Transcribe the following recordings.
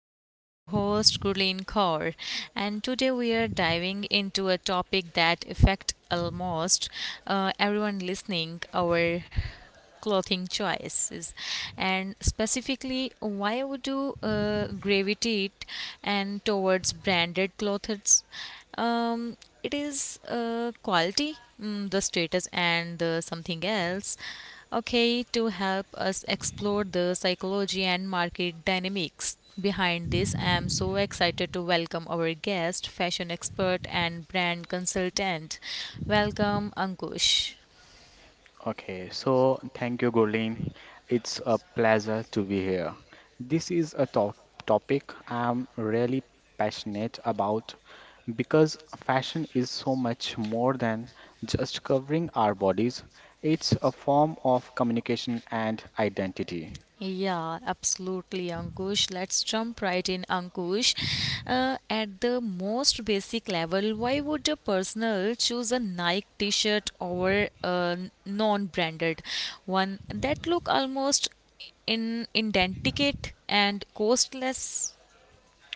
Factor. I'm your host, Gurleen Kaur, and today we are diving into a topic that affects almost everyone listening: our clothing choices and specifically why would you gravitate and towards branded clothes um, it is quality, the status and the something else. Okay, to help us explore the psychology and market dynamics behind this, I am so excited to welcome our guest, fashion expert and brand consultant. Welcome, Ankush. Okay, so thank you, Gurleen. It's a pleasure to be here. This is a to topic I'm really passionate about because fashion is so much more than just covering our bodies. It's a form of communication and identity. Yeah, absolutely, Ankush. Let's jump right in, Ankush. At the most basic level, why would a personal choose a Nike T-shirt over a non-branded one that look almost in indenticate and costless?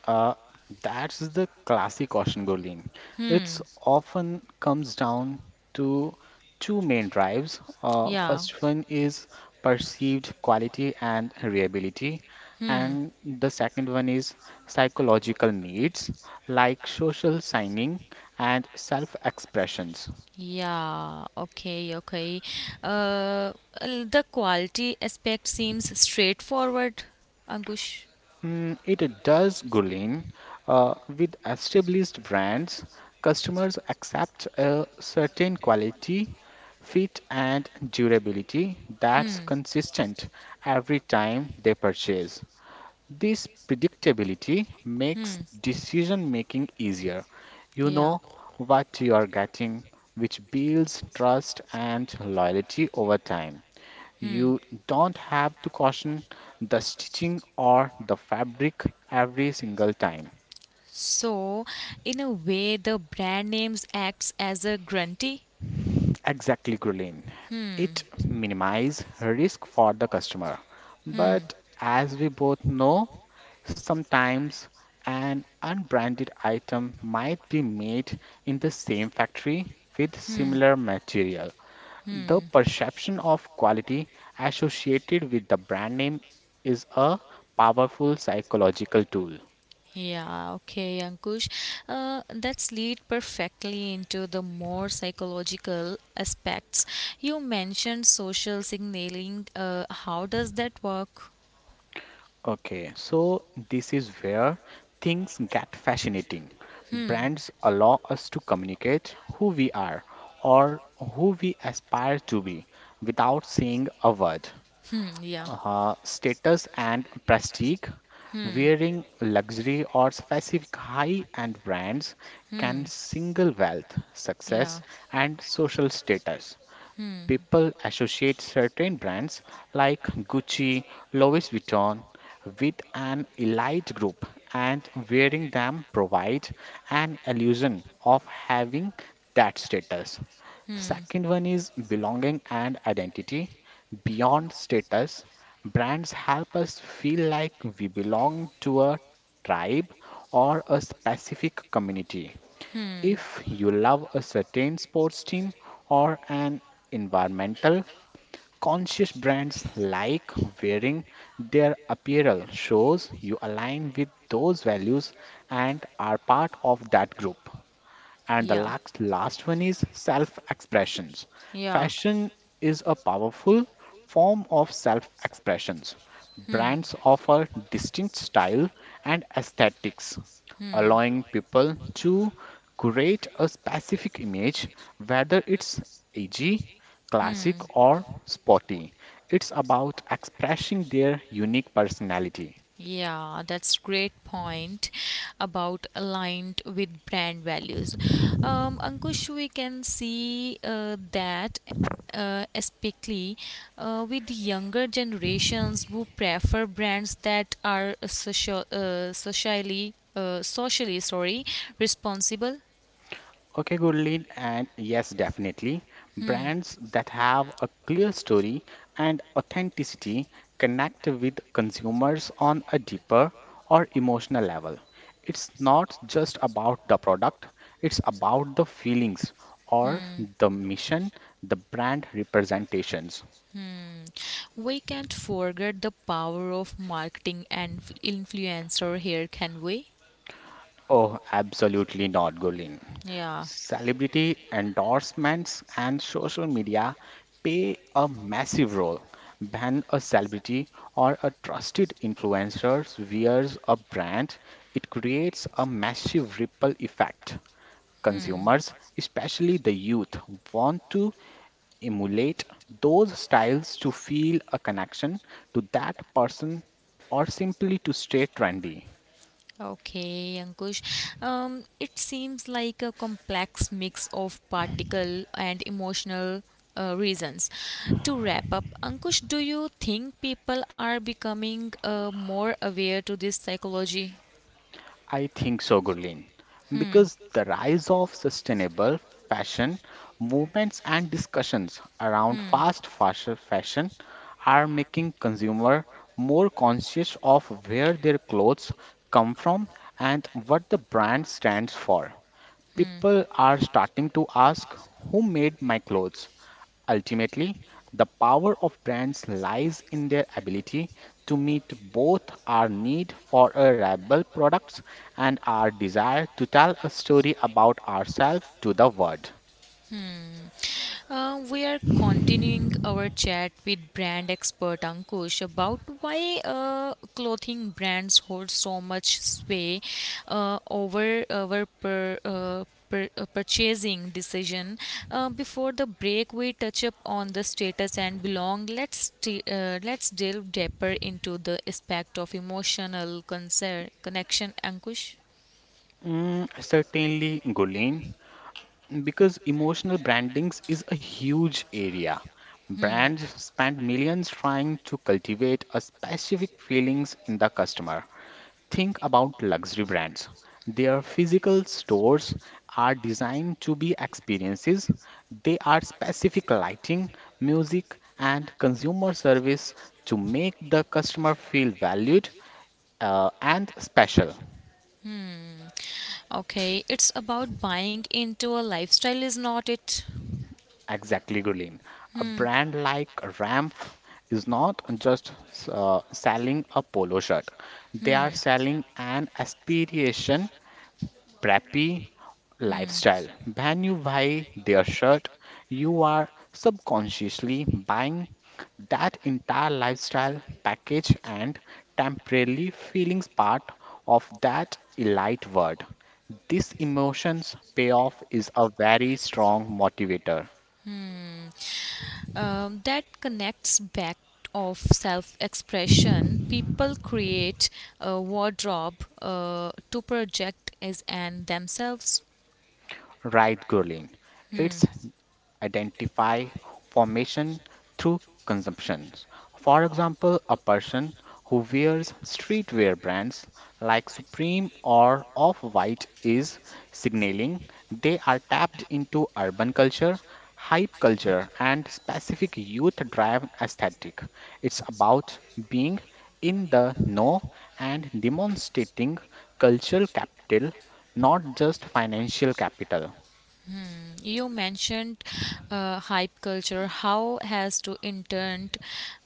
Uh, that's the classic caution, Gurleen. Hmm. It's often comes down to two main drives. Uh, Yeah. first one is perceived quality and reliability, Hmm. and the second one is psychological needs like social signing and self-expressions. Yeah, okay, okay. Uh, the quality aspect seems straightforward, Ankush. Mm, it does, Gulin. With established brands, customers accept a certain quality, fit, and durability that's consistent every time they purchase. This predictability makes decision making easier. You Yeah. know what you are getting, which builds trust and loyalty over time. Hmm. You don't have to caution the stitching or the fabric every single time. So, in a way, the brand names acts as a grantee. Exactly, Ghrelin. It minimize risk for the customer. But as we both know, sometimes an unbranded item might be made in the same factory with similar material. The perception of quality associated with the brand name is a powerful psychological tool. Yeah, okay, Ankush. That's lead perfectly into the more psychological aspects. You mentioned social signaling. How does that work? Okay, so this is where things get fascinating. Brands allow us to communicate who we are or who we aspire to be without saying a word Hmm, yeah. status and prestige, Hmm. wearing luxury or specific high-end brands Hmm. can single wealth, Yeah. success, and social status. Hmm, People associate certain brands like Gucci, Louis Vuitton with an elite group, and wearing them provides an illusion of having that status. Second one is belonging and identity. Beyond status, brands help us feel like we belong to a tribe or a specific community. If you love a certain sports team or an environmental conscious brands like wearing their apparel shows you align with those values and are part of that group. And the yeah. last one is self expressions. Yeah. Fashion is a powerful form of self expressions. Hmm. Brands offer distinct style and aesthetics, allowing people to create a Hmm. specific image, whether it's edgy, Hmm. classic, or sporty. It's about expressing their unique personality. Yeah, that's great point about aligned with brand values. Ankush, we can see that especially with younger generations who prefer brands that are socially, sorry, responsible. Okay, good lead, and yes, definitely. Brands that have a clear story and authenticity connect with consumers on a deeper or emotional level. It's not just about the product, it's about the feelings or the mission the brand representations. We can't forget the power of marketing and influencer here, can we? Oh, absolutely not, Gulin. Yeah. Celebrity endorsements and social media play a massive role. When a celebrity or a trusted influencer wears a brand, it creates a massive ripple effect. Consumers, especially the youth, want to emulate those styles to feel a connection to that person or simply to stay trendy. Okay, Ankush. It seems like a complex mix of practical and emotional reasons. To wrap up, Ankush, do you think people are becoming more aware to this psychology? I think so, Gurleen, because the rise of sustainable fashion movements and discussions around fast fashion are making consumer more conscious of where their clothes come from and what the brand stands for. People are starting to ask who made my clothes? Ultimately, the power of brands lies in their ability to meet both our need for a reliable products and our desire to tell a story about ourselves to the world. We are continuing our chat with brand expert Ankush about why clothing brands hold so much sway over our purchasing decision. Before the break, we touch up on the status and belong. Let's delve deeper into the aspect of emotional concern connection, Ankush. Mm, certainly, Gulen. Because emotional brandings is a huge area. Brands spend millions trying to cultivate a specific feelings in the customer. Think about luxury brands. Their physical stores are designed to be experiences. They are specific lighting, music, and consumer service to make the customer feel valued and special. Okay, it's about buying into a lifestyle, is not it? Exactly, Gulin. A brand like Ramp is not just selling a polo shirt. They are selling an aspiration, preppy lifestyle. When you buy their shirt, you are subconsciously buying that entire lifestyle package and temporarily feelings part of that elite word. This emotions payoff is a very strong motivator. Um, that connects back of self-expression people create a wardrobe to project as and themselves. Right, Gurleen. It's identify formation through consumptions. For example, a person who wears streetwear brands like Supreme or Off-White is signaling they are tapped into urban culture, hype culture, and specific youth-driven aesthetic. It's about being in the know and demonstrating cultural capital, not just financial capital. You mentioned hype culture, how has to intern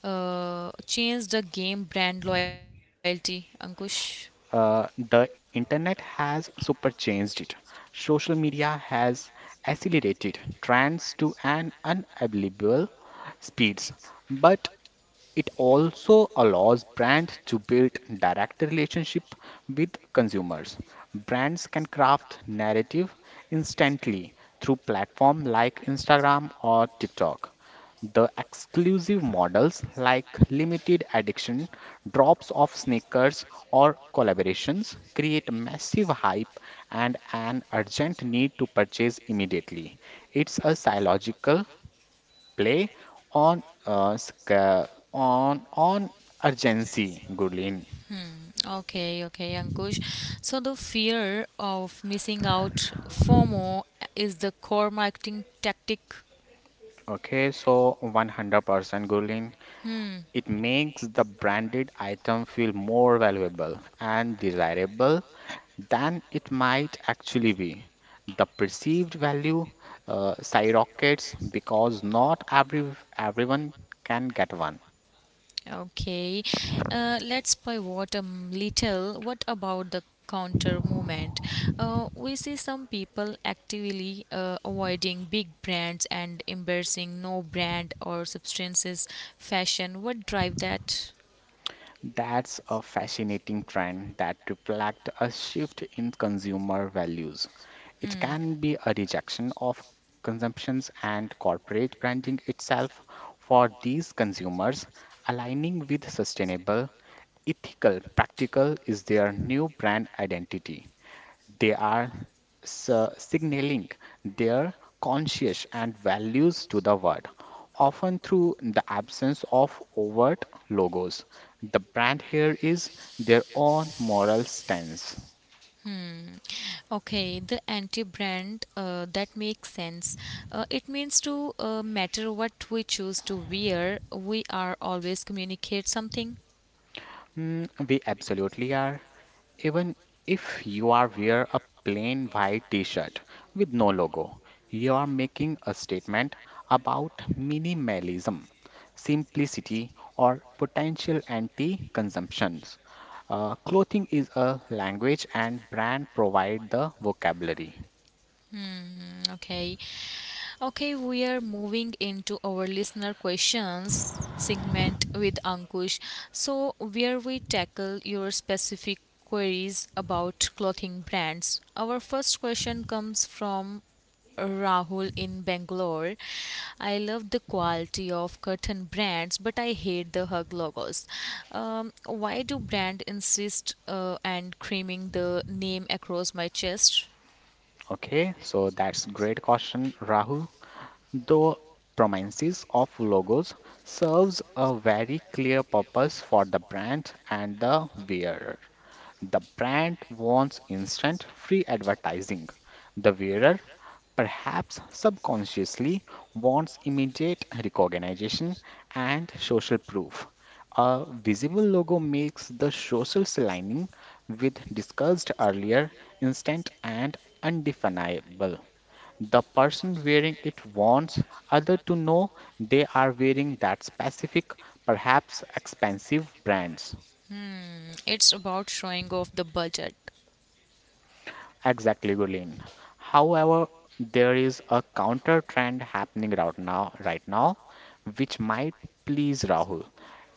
change the game brand loyalty, Ankush. The internet has super changed it. Social media has accelerated trends to an unbelievable speeds, but it also allows brands to build direct relationship with consumers. Brands can craft narrative instantly through platform like Instagram or TikTok. The exclusive models like limited edition, drops of sneakers, or collaborations create massive hype and an urgent need to purchase immediately. It's a psychological play on on urgency, Gurleen. Okay, okay, Ankush. So the fear of missing out, FOMO, is the core marketing tactic. Okay, so 100% Gurleen. It makes the branded item feel more valuable and desirable than it might actually be. The perceived value skyrockets because not everyone can get one. Okay, let's pivot a little. What about the counter movement? We see some people actively avoiding big brands and embracing no brand or substances fashion. What drive that? That's a fascinating trend that reflects a shift in consumer values. It can be a rejection of consumptions and corporate branding itself for these consumers, aligning with sustainable, ethical, practical is their new brand identity. They are s- signaling their conscience and values to the world, often through the absence of overt logos. The brand here is their own moral stance. Okay, the anti-brand that makes sense. It means to matter what we choose to wear, we are always communicate something. Mm, we absolutely are. Even if you are wear a plain white t-shirt with no logo, you are making a statement about minimalism, simplicity, or potential anti-consumptions. Clothing is a language and brand provide the vocabulary. Mhm. Okay. Okay, we are moving into our listener questions segment with Ankush. So, where we tackle your specific queries about clothing brands. Our first question comes from Rahul in Bangalore. I love the quality of curtain brands, but I hate the hug logos. Why do brand insist and creaming the name across my chest? Okay, so that's great question, Rahul. The prominence of logos serves a very clear purpose for the brand and the wearer. The brand wants instant free advertising. The wearer, perhaps subconsciously, wants immediate recognition and social proof. A visible logo makes the social lining, with discussed earlier, instant and undefinable. The person wearing it wants others to know they are wearing that specific, perhaps expensive brand's. It's about showing off the budget. Exactly, Gulin. However, there is a counter trend happening right now, which might please Rahul.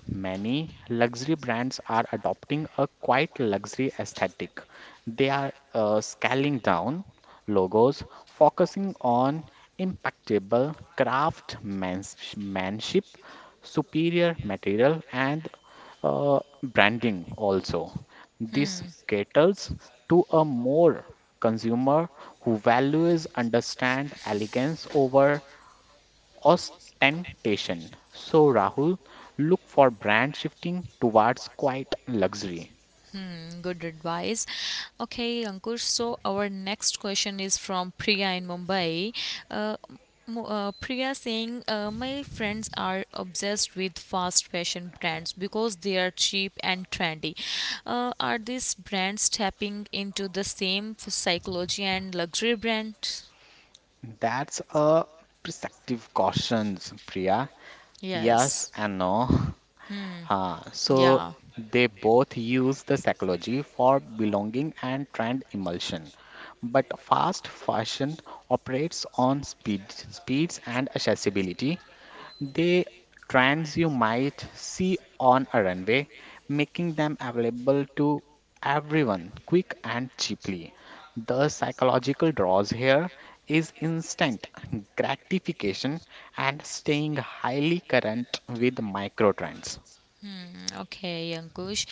Many luxury brands are adopting a quite luxury aesthetic. They are scaling down logos, focusing on impeccable craftsmanship, superior material, and branding also. This caters to a more consumer who values understand elegance over ostentation. So Rahul, look for brand shifting towards quiet luxury. Mm, good advice. Okay, Ankur. So our next question is from Priya in Mumbai. Uh, Priya saying, my friends are obsessed with fast fashion brands because they are cheap and trendy. Are these brands tapping into the same psychology and luxury brands? That's a perceptive cautions, Priya. Yes Yes. and no. So Yeah. they both use the psychology for belonging and trend emulsion. But fast fashion operates on speed, speeds and accessibility. The trends you might see on a runway, making them available to everyone quick and cheaply. The psychological draws here is instant gratification and staying highly current with micro trends. Hmm, okay, Ankush.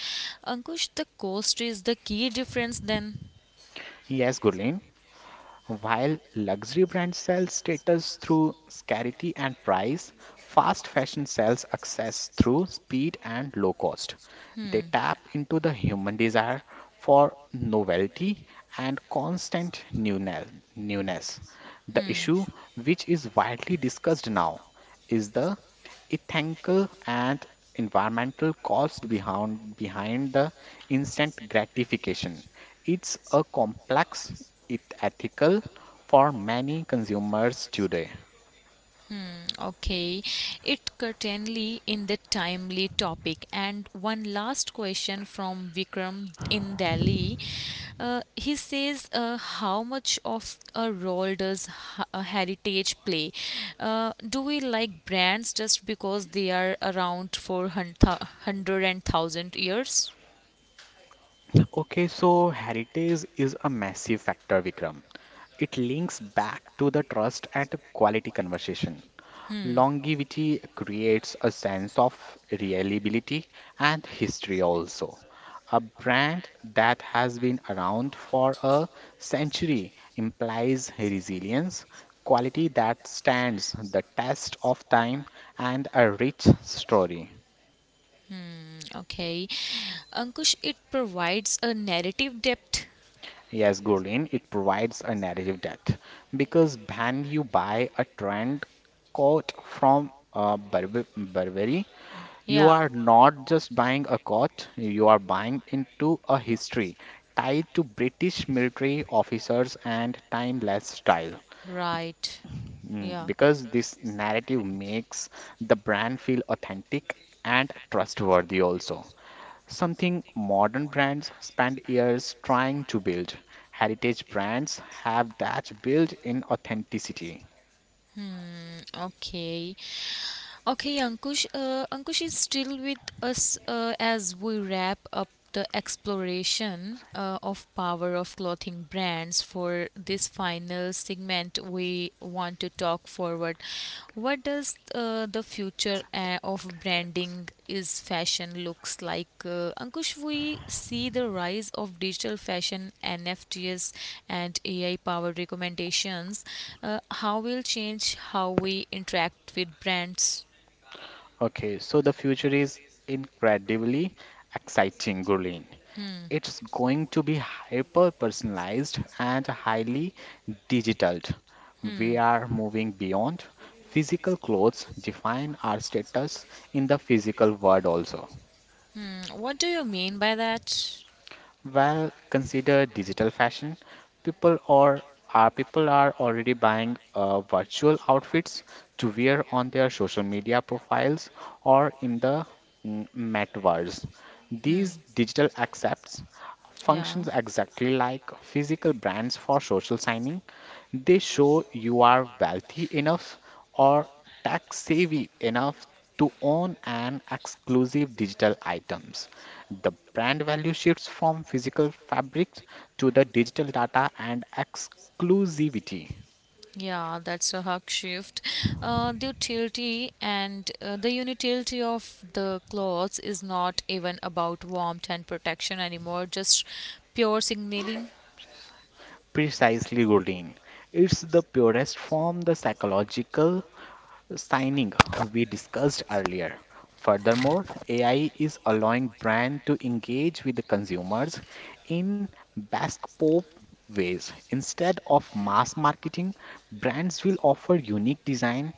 Ankush, the cost is the key difference then. Yes, Gurleen. While luxury brands sell status through scarcity and price, fast fashion sells access through speed and low cost. They tap into the human desire for novelty and constant newness. The issue, which is widely discussed now, is the ethical and environmental cost behind the instant gratification. It's a complex it ethical for many consumers today. Okay, it certainly in the timely topic. And one last question from Vikram in Delhi. He says, how much of a role does heritage play? Do we like brands just because they are around for hundred and thousand years? Okay, so heritage is a massive factor, Vikram. It links back to the trust and quality conversation. Longevity creates a sense of reliability and history also. A brand that has been around for a century implies resilience, quality that stands the test of time, and a rich story. Okay. Ankush, it provides a narrative depth. Yes, Gurleen, it provides a narrative depth because when you buy a trend coat from Burberry, you Yeah. are not just buying a coat, you are buying into a history tied to British military officers and timeless style. Right. Mm, Yeah. because this narrative makes the brand feel authentic and trustworthy also. Something modern brands spend years trying to build. Heritage brands have that built-in authenticity. Okay. Okay, Ankush. Ankush is still with us as we wrap up the exploration of power of clothing brands. For this final segment we want to talk forward, what does the future of branding is fashion looks like? Uh, Ankush, we see the rise of digital fashion, NFTs, and AI powered recommendations. Uh, how will change how we interact with brands? Okay, so the future is incredibly exciting, Gurleen. It's going to be hyper personalized and highly digital. We are moving beyond physical clothes define our status in the physical world also. Mm, what do you mean by that? Well, consider digital fashion. People or people are already buying virtual outfits to wear on their social media profiles or in the metaverse. These digital accepts Yeah. functions exactly like physical brands for social signing. They show you are wealthy enough or tax savvy enough to own an exclusive digital items. The brand value shifts from physical fabrics to the digital data and exclusivity. Yeah, that's a hug shift. The utility and the utility of the clothes is not even about warmth and protection anymore, just pure signaling. Precisely, Rodin. It's the purest form, the psychological signing we discussed earlier. Furthermore, AI is allowing brands to engage with the consumers in bespoke ways. Instead of mass marketing, brands will offer unique design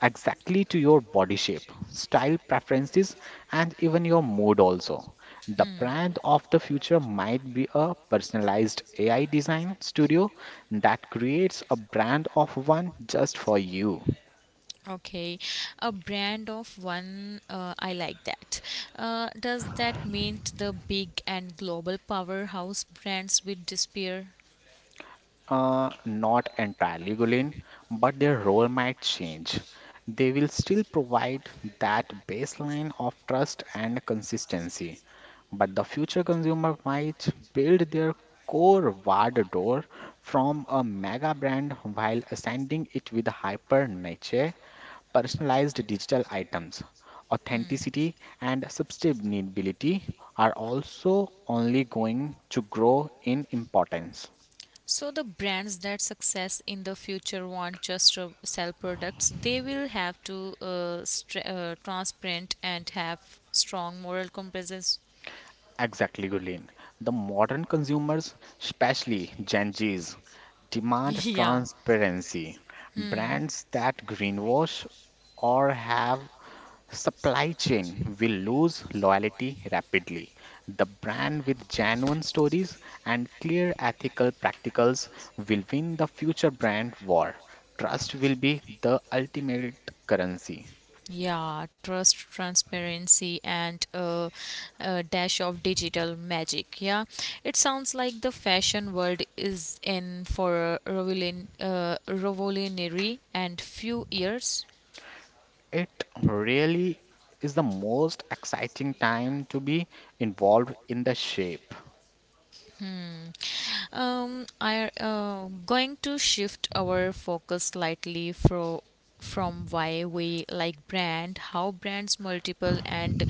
exactly to your body shape, style preferences, and even your mood also. The brand of the future might be a personalized AI design studio that creates a brand of one just for you. Okay, a brand of one, I like that. Does that mean the big and global powerhouse brands will disappear? Not entirely, Gulin, but their role might change. They will still provide that baseline of trust and consistency, but the future consumer might build their core wardrobe from a mega brand while ascending it with hyper niche, personalized digital items. Authenticity and sustainability are also only going to grow in importance. So the brands that success in the future want just to sell products, they will have to str transparent and have strong moral compass. Exactly, Gurleen. The modern consumers, especially Gen Zs, demand Yeah. transparency. Hmm. Brands that greenwash or have supply chain will lose loyalty rapidly. The brand with genuine stories and clear ethical practicals will win the future brand war. Trust will be the ultimate currency. Yeah, trust, transparency, and a dash of digital magic. Yeah, it sounds like the fashion world is in for a revolutionary and few years. It really is the most exciting time to be involved in the shape. Hmm. I Going to shift our focus slightly from why we like brand, how brands multiple and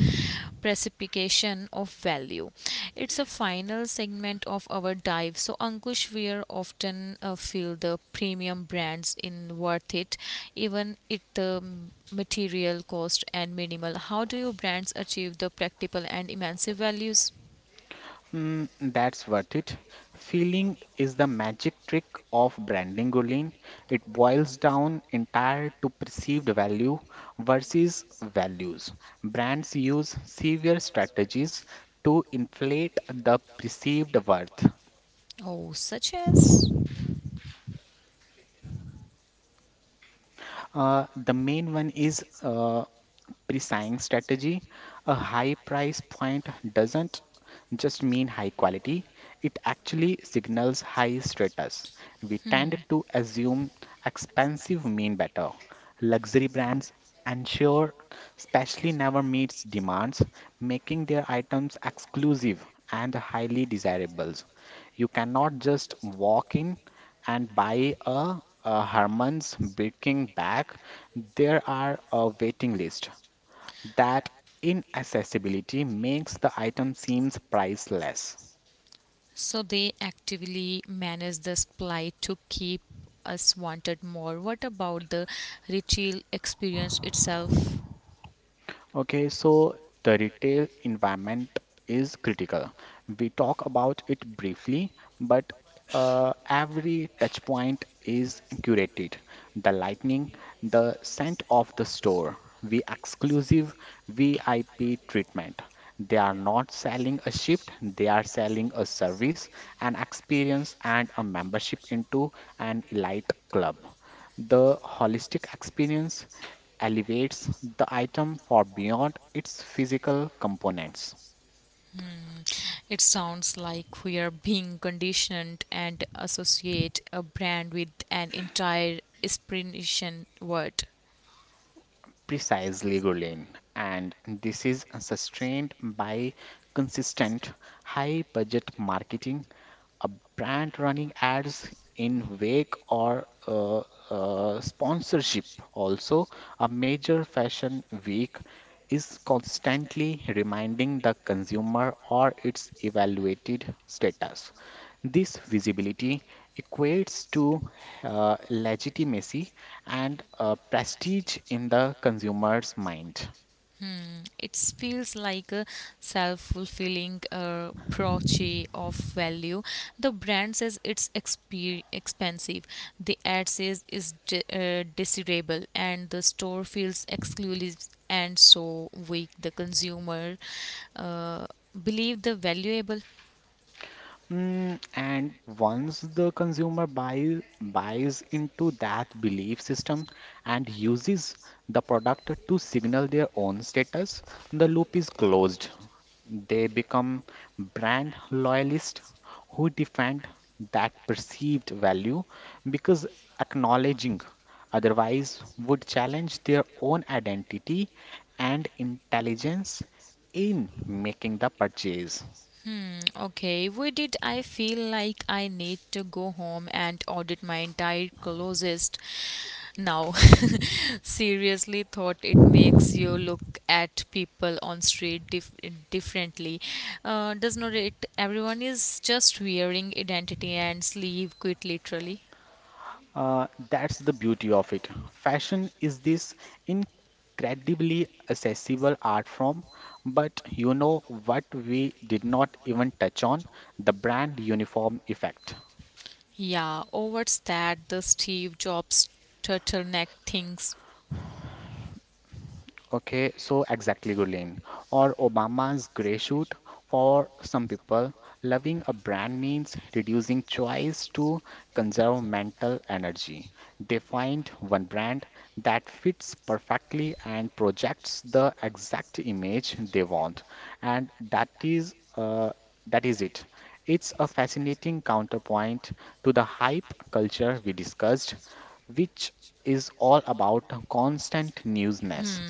precipitation of value. It's a final segment of our dive. So Ankush, we are often feel the premium brands in worth it, even it the material cost and minimal. How do your brands achieve the practical and immense values? Mm, that's worth it. Feeling is the magic trick of branding, Gurleen. It boils down entire to perceived value versus values. Brands use severe strategies to inflate the perceived worth. Oh, such as. The main one is pre-selling strategy. A high price point doesn't just mean high quality, it actually signals high status. We tend to assume expensive mean better. Luxury brands and sure, especially never meets demands, making their items exclusive and highly desirable. You cannot just walk in and buy a Herman's baking bag. There are a waiting list. That inaccessibility makes the item seems priceless. So they actively manage this plight to keep us wanted more. What about the ritual experience itself? Okay, so the retail environment is critical. We talk about it briefly, but every touch point is curated. The lighting, the scent of the store, the exclusive VIP treatment. They are not selling a shift, they are selling a service, an experience, and a membership into an elite club. The holistic experience elevates the item for beyond its physical components. It sounds like we are being conditioned and associate a brand with an entire inspiration word. Precisely, Gurleen. And this is sustained by consistent high budget marketing, a brand running ads in wake or sponsorship. Also, a major fashion week is constantly reminding the consumer or its evaluated status. This visibility equates to legitimacy and prestige in the consumer's mind. It feels like a self-fulfilling proche of value. The brand says it's expensive. The ad says it's desirable, and the store feels exclusive and so weak. The consumer uh, believe the valuable. Mm, and once the buys into that belief system and uses the product to signal their own status, the loop is closed. They become brand loyalists who defend that perceived value because acknowledging otherwise would challenge their own identity and intelligence in making the purchase. Hmm, okay, where did I feel like I need to go home and audit my entire closest now? Seriously, thought it makes you look at people on street differently. Does not it? Everyone is just wearing identity and sleeve quit literally. That's the beauty of it. Fashion is this incredibly accessible art form, but you know what we did not even touch on? The brand uniform effect. Yeah, oh, what's that? The Steve Jobs turtleneck things. Okay, so exactly, Gurleen. Or Obama's gray suit. For some people, loving a brand means reducing choice to conserve mental energy. They find one brand that fits perfectly and projects the exact image they want, and that is it. It's a fascinating counterpoint to the hype culture we discussed, which is all about constant newness.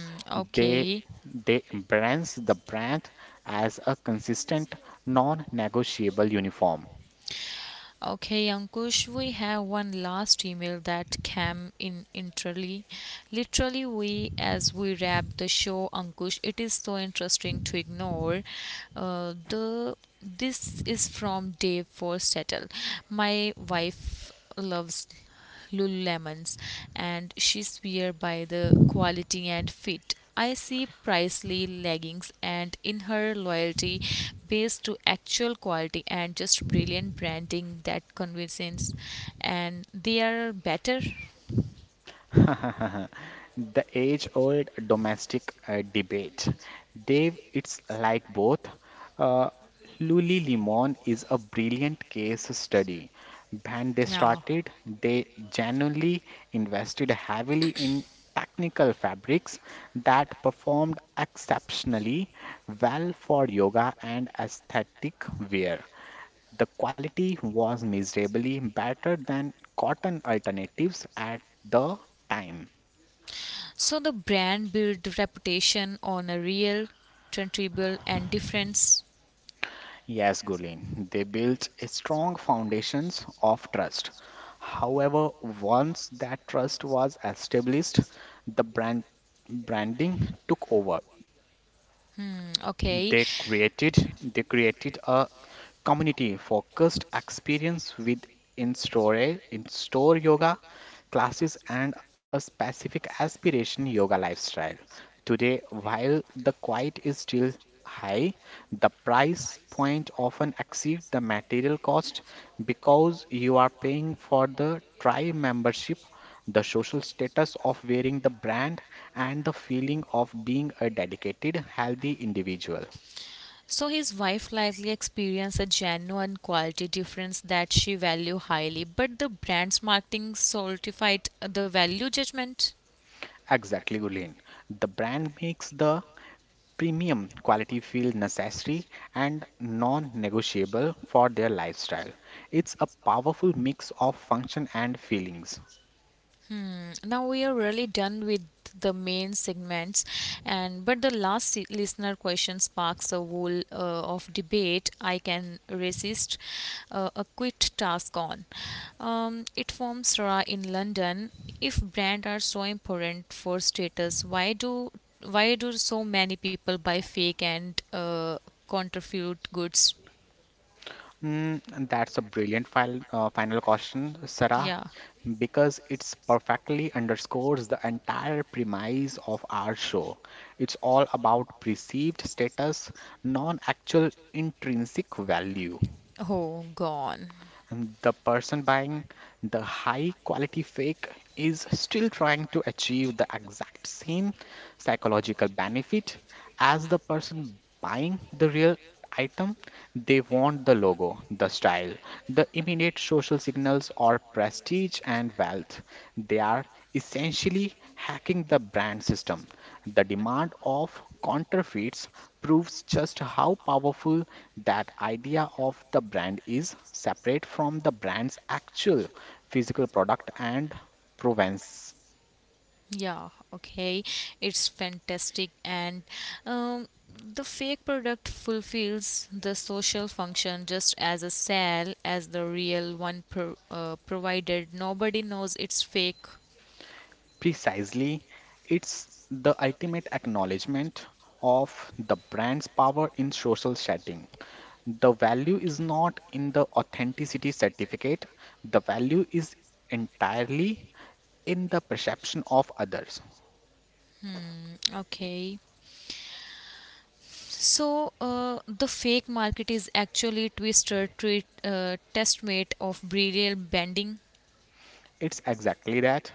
They Okay. they embrace the brand as a consistent, non-negotiable uniform. Okay, Ankush, we have one last email that came in literally. Literally, we as we wrap the show, Ankush, it is so interesting to ignore. The This is from Dave for Settle. My wife loves Lululemons and she swear by the quality and fit. I see pricely leggings and in her loyalty based to actual quality and just brilliant branding that convinces and they are better. The age-old domestic debate. Dave, it's like both. Uh, Lululemon is a brilliant case study. When they started, they genuinely invested heavily in technical fabrics that performed exceptionally well for yoga and aesthetic wear. The quality was miserably better than cotton alternatives at the time. So the brand built reputation on a real, tangible, and difference. Yes, Gurleen. They built a strong foundations of trust. However, once that trust was established, the branding took over. Okay, They created a community focused experience with in-store in-store yoga classes and a specific aspiration yoga lifestyle. Today, while the quiet is still high, the price point often exceeds the material cost because you are paying for the tribe membership the social status of wearing the brand, and the feeling of being a dedicated, healthy individual. so his wife likely experienced a genuine quality difference that she valued highly, but the brand's marketing solidified the value judgment. Exactly, Gulin. The brand makes the premium quality feel necessary and non negotiable for their lifestyle. It's a powerful mix of function and feelings. Mm, now we are really done with the main segments and but the listener question sparks a wool of debate I can resist a quit task on um, it forms Ra in London. If brand are so important for status, why do so many people buy fake and counterfeit goods? Mm, and that's a final question, Sarah, Yeah. because it's perfectly underscores the entire premise of our show. It's all about perceived status, non-actual intrinsic value. Oh gone. And the person buying the high quality fake is still trying to achieve the exact same psychological benefit as the person buying the real item. They want the logo, the style, the immediate social signals or prestige and wealth. They are essentially hacking the brand system. The demand of counterfeits proves just how powerful that idea of the brand is separate from the brand's actual physical product and provenance. Yeah, okay. It's fantastic. And um, the fake product fulfills the social function just as a sale as the real one, provided nobody knows it's fake. Precisely, it's the ultimate acknowledgement of the brand's power in social setting. The value is not in the authenticity certificate, the value is entirely in the perception of others. Okay. So the fake market is actually twister treat, testmate of brilliant bending. It's exactly that.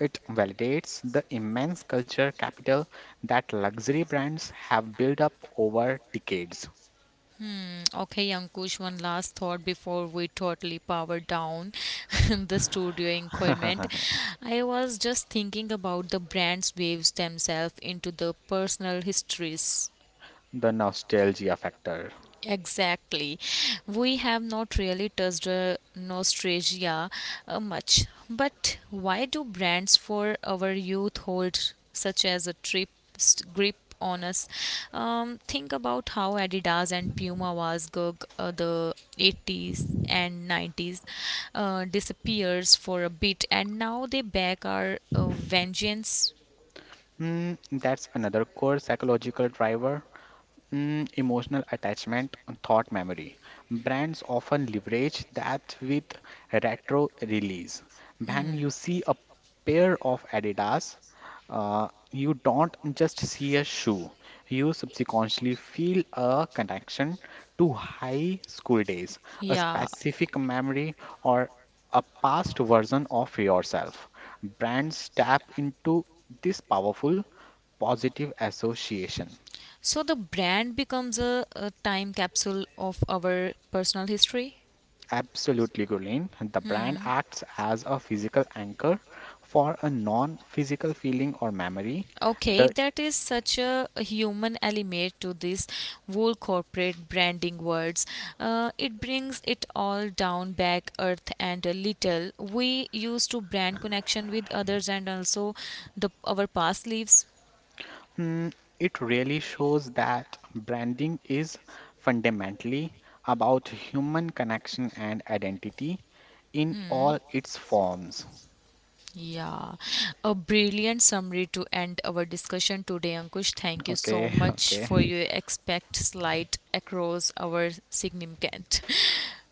It validates the immense cultural capital that luxury brands have built up over decades. Okay, Ankush, one last thought before we totally power down the studio environment. I was just thinking about the brand's waves themselves into the personal histories. The nostalgia factor. Exactly. We have not really touched nostalgia much. But why do brands for our youth hold such as a trip grip on us? Think about how Adidas and Puma was gug the '80s and '90s disappears for a bit and now they back our vengeance. Hmm, that's another core psychological driver. Mm, emotional attachment and thought memory. Brands often leverage that with retro release. When Mm-hmm. you see a pair of Adidas, you don't just see a shoe. You subconsciously feel a connection to high school days, a Yeah. specific memory, or a past version of yourself. Brands tap into this powerful positive association. So the brand becomes a time capsule of our personal history? Absolutely, Gulin. The brand acts as a physical anchor for a non-physical feeling or memory. Okay, The that is such a human element to this whole corporate branding words. It brings it all down back earth and a little. We used to brand connection with others and also the our past lives. mm, it really shows that branding is fundamentally about human connection and identity in all its forms. Yeah, a brilliant summary to end our discussion today, Ankush. Thank you so Okay, much okay. for your expect slide across our significant.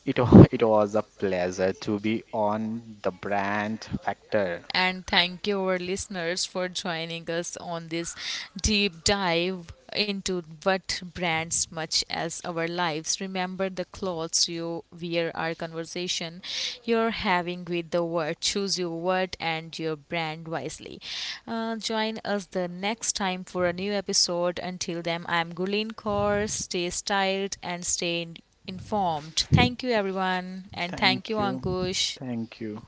It was a pleasure to be on the brand factor. And thank you, our listeners, for joining us on this deep dive into what brands much as our lives. Remember, the clothes you wear are conversation you're having with the world. Choose your word and your brand wisely. Join us the next time for a new episode. Until then, I'm Gulin Kaur. Stay styled and informed. Thank you, everyone, and thank you, Thank you. Ankush. Thank you.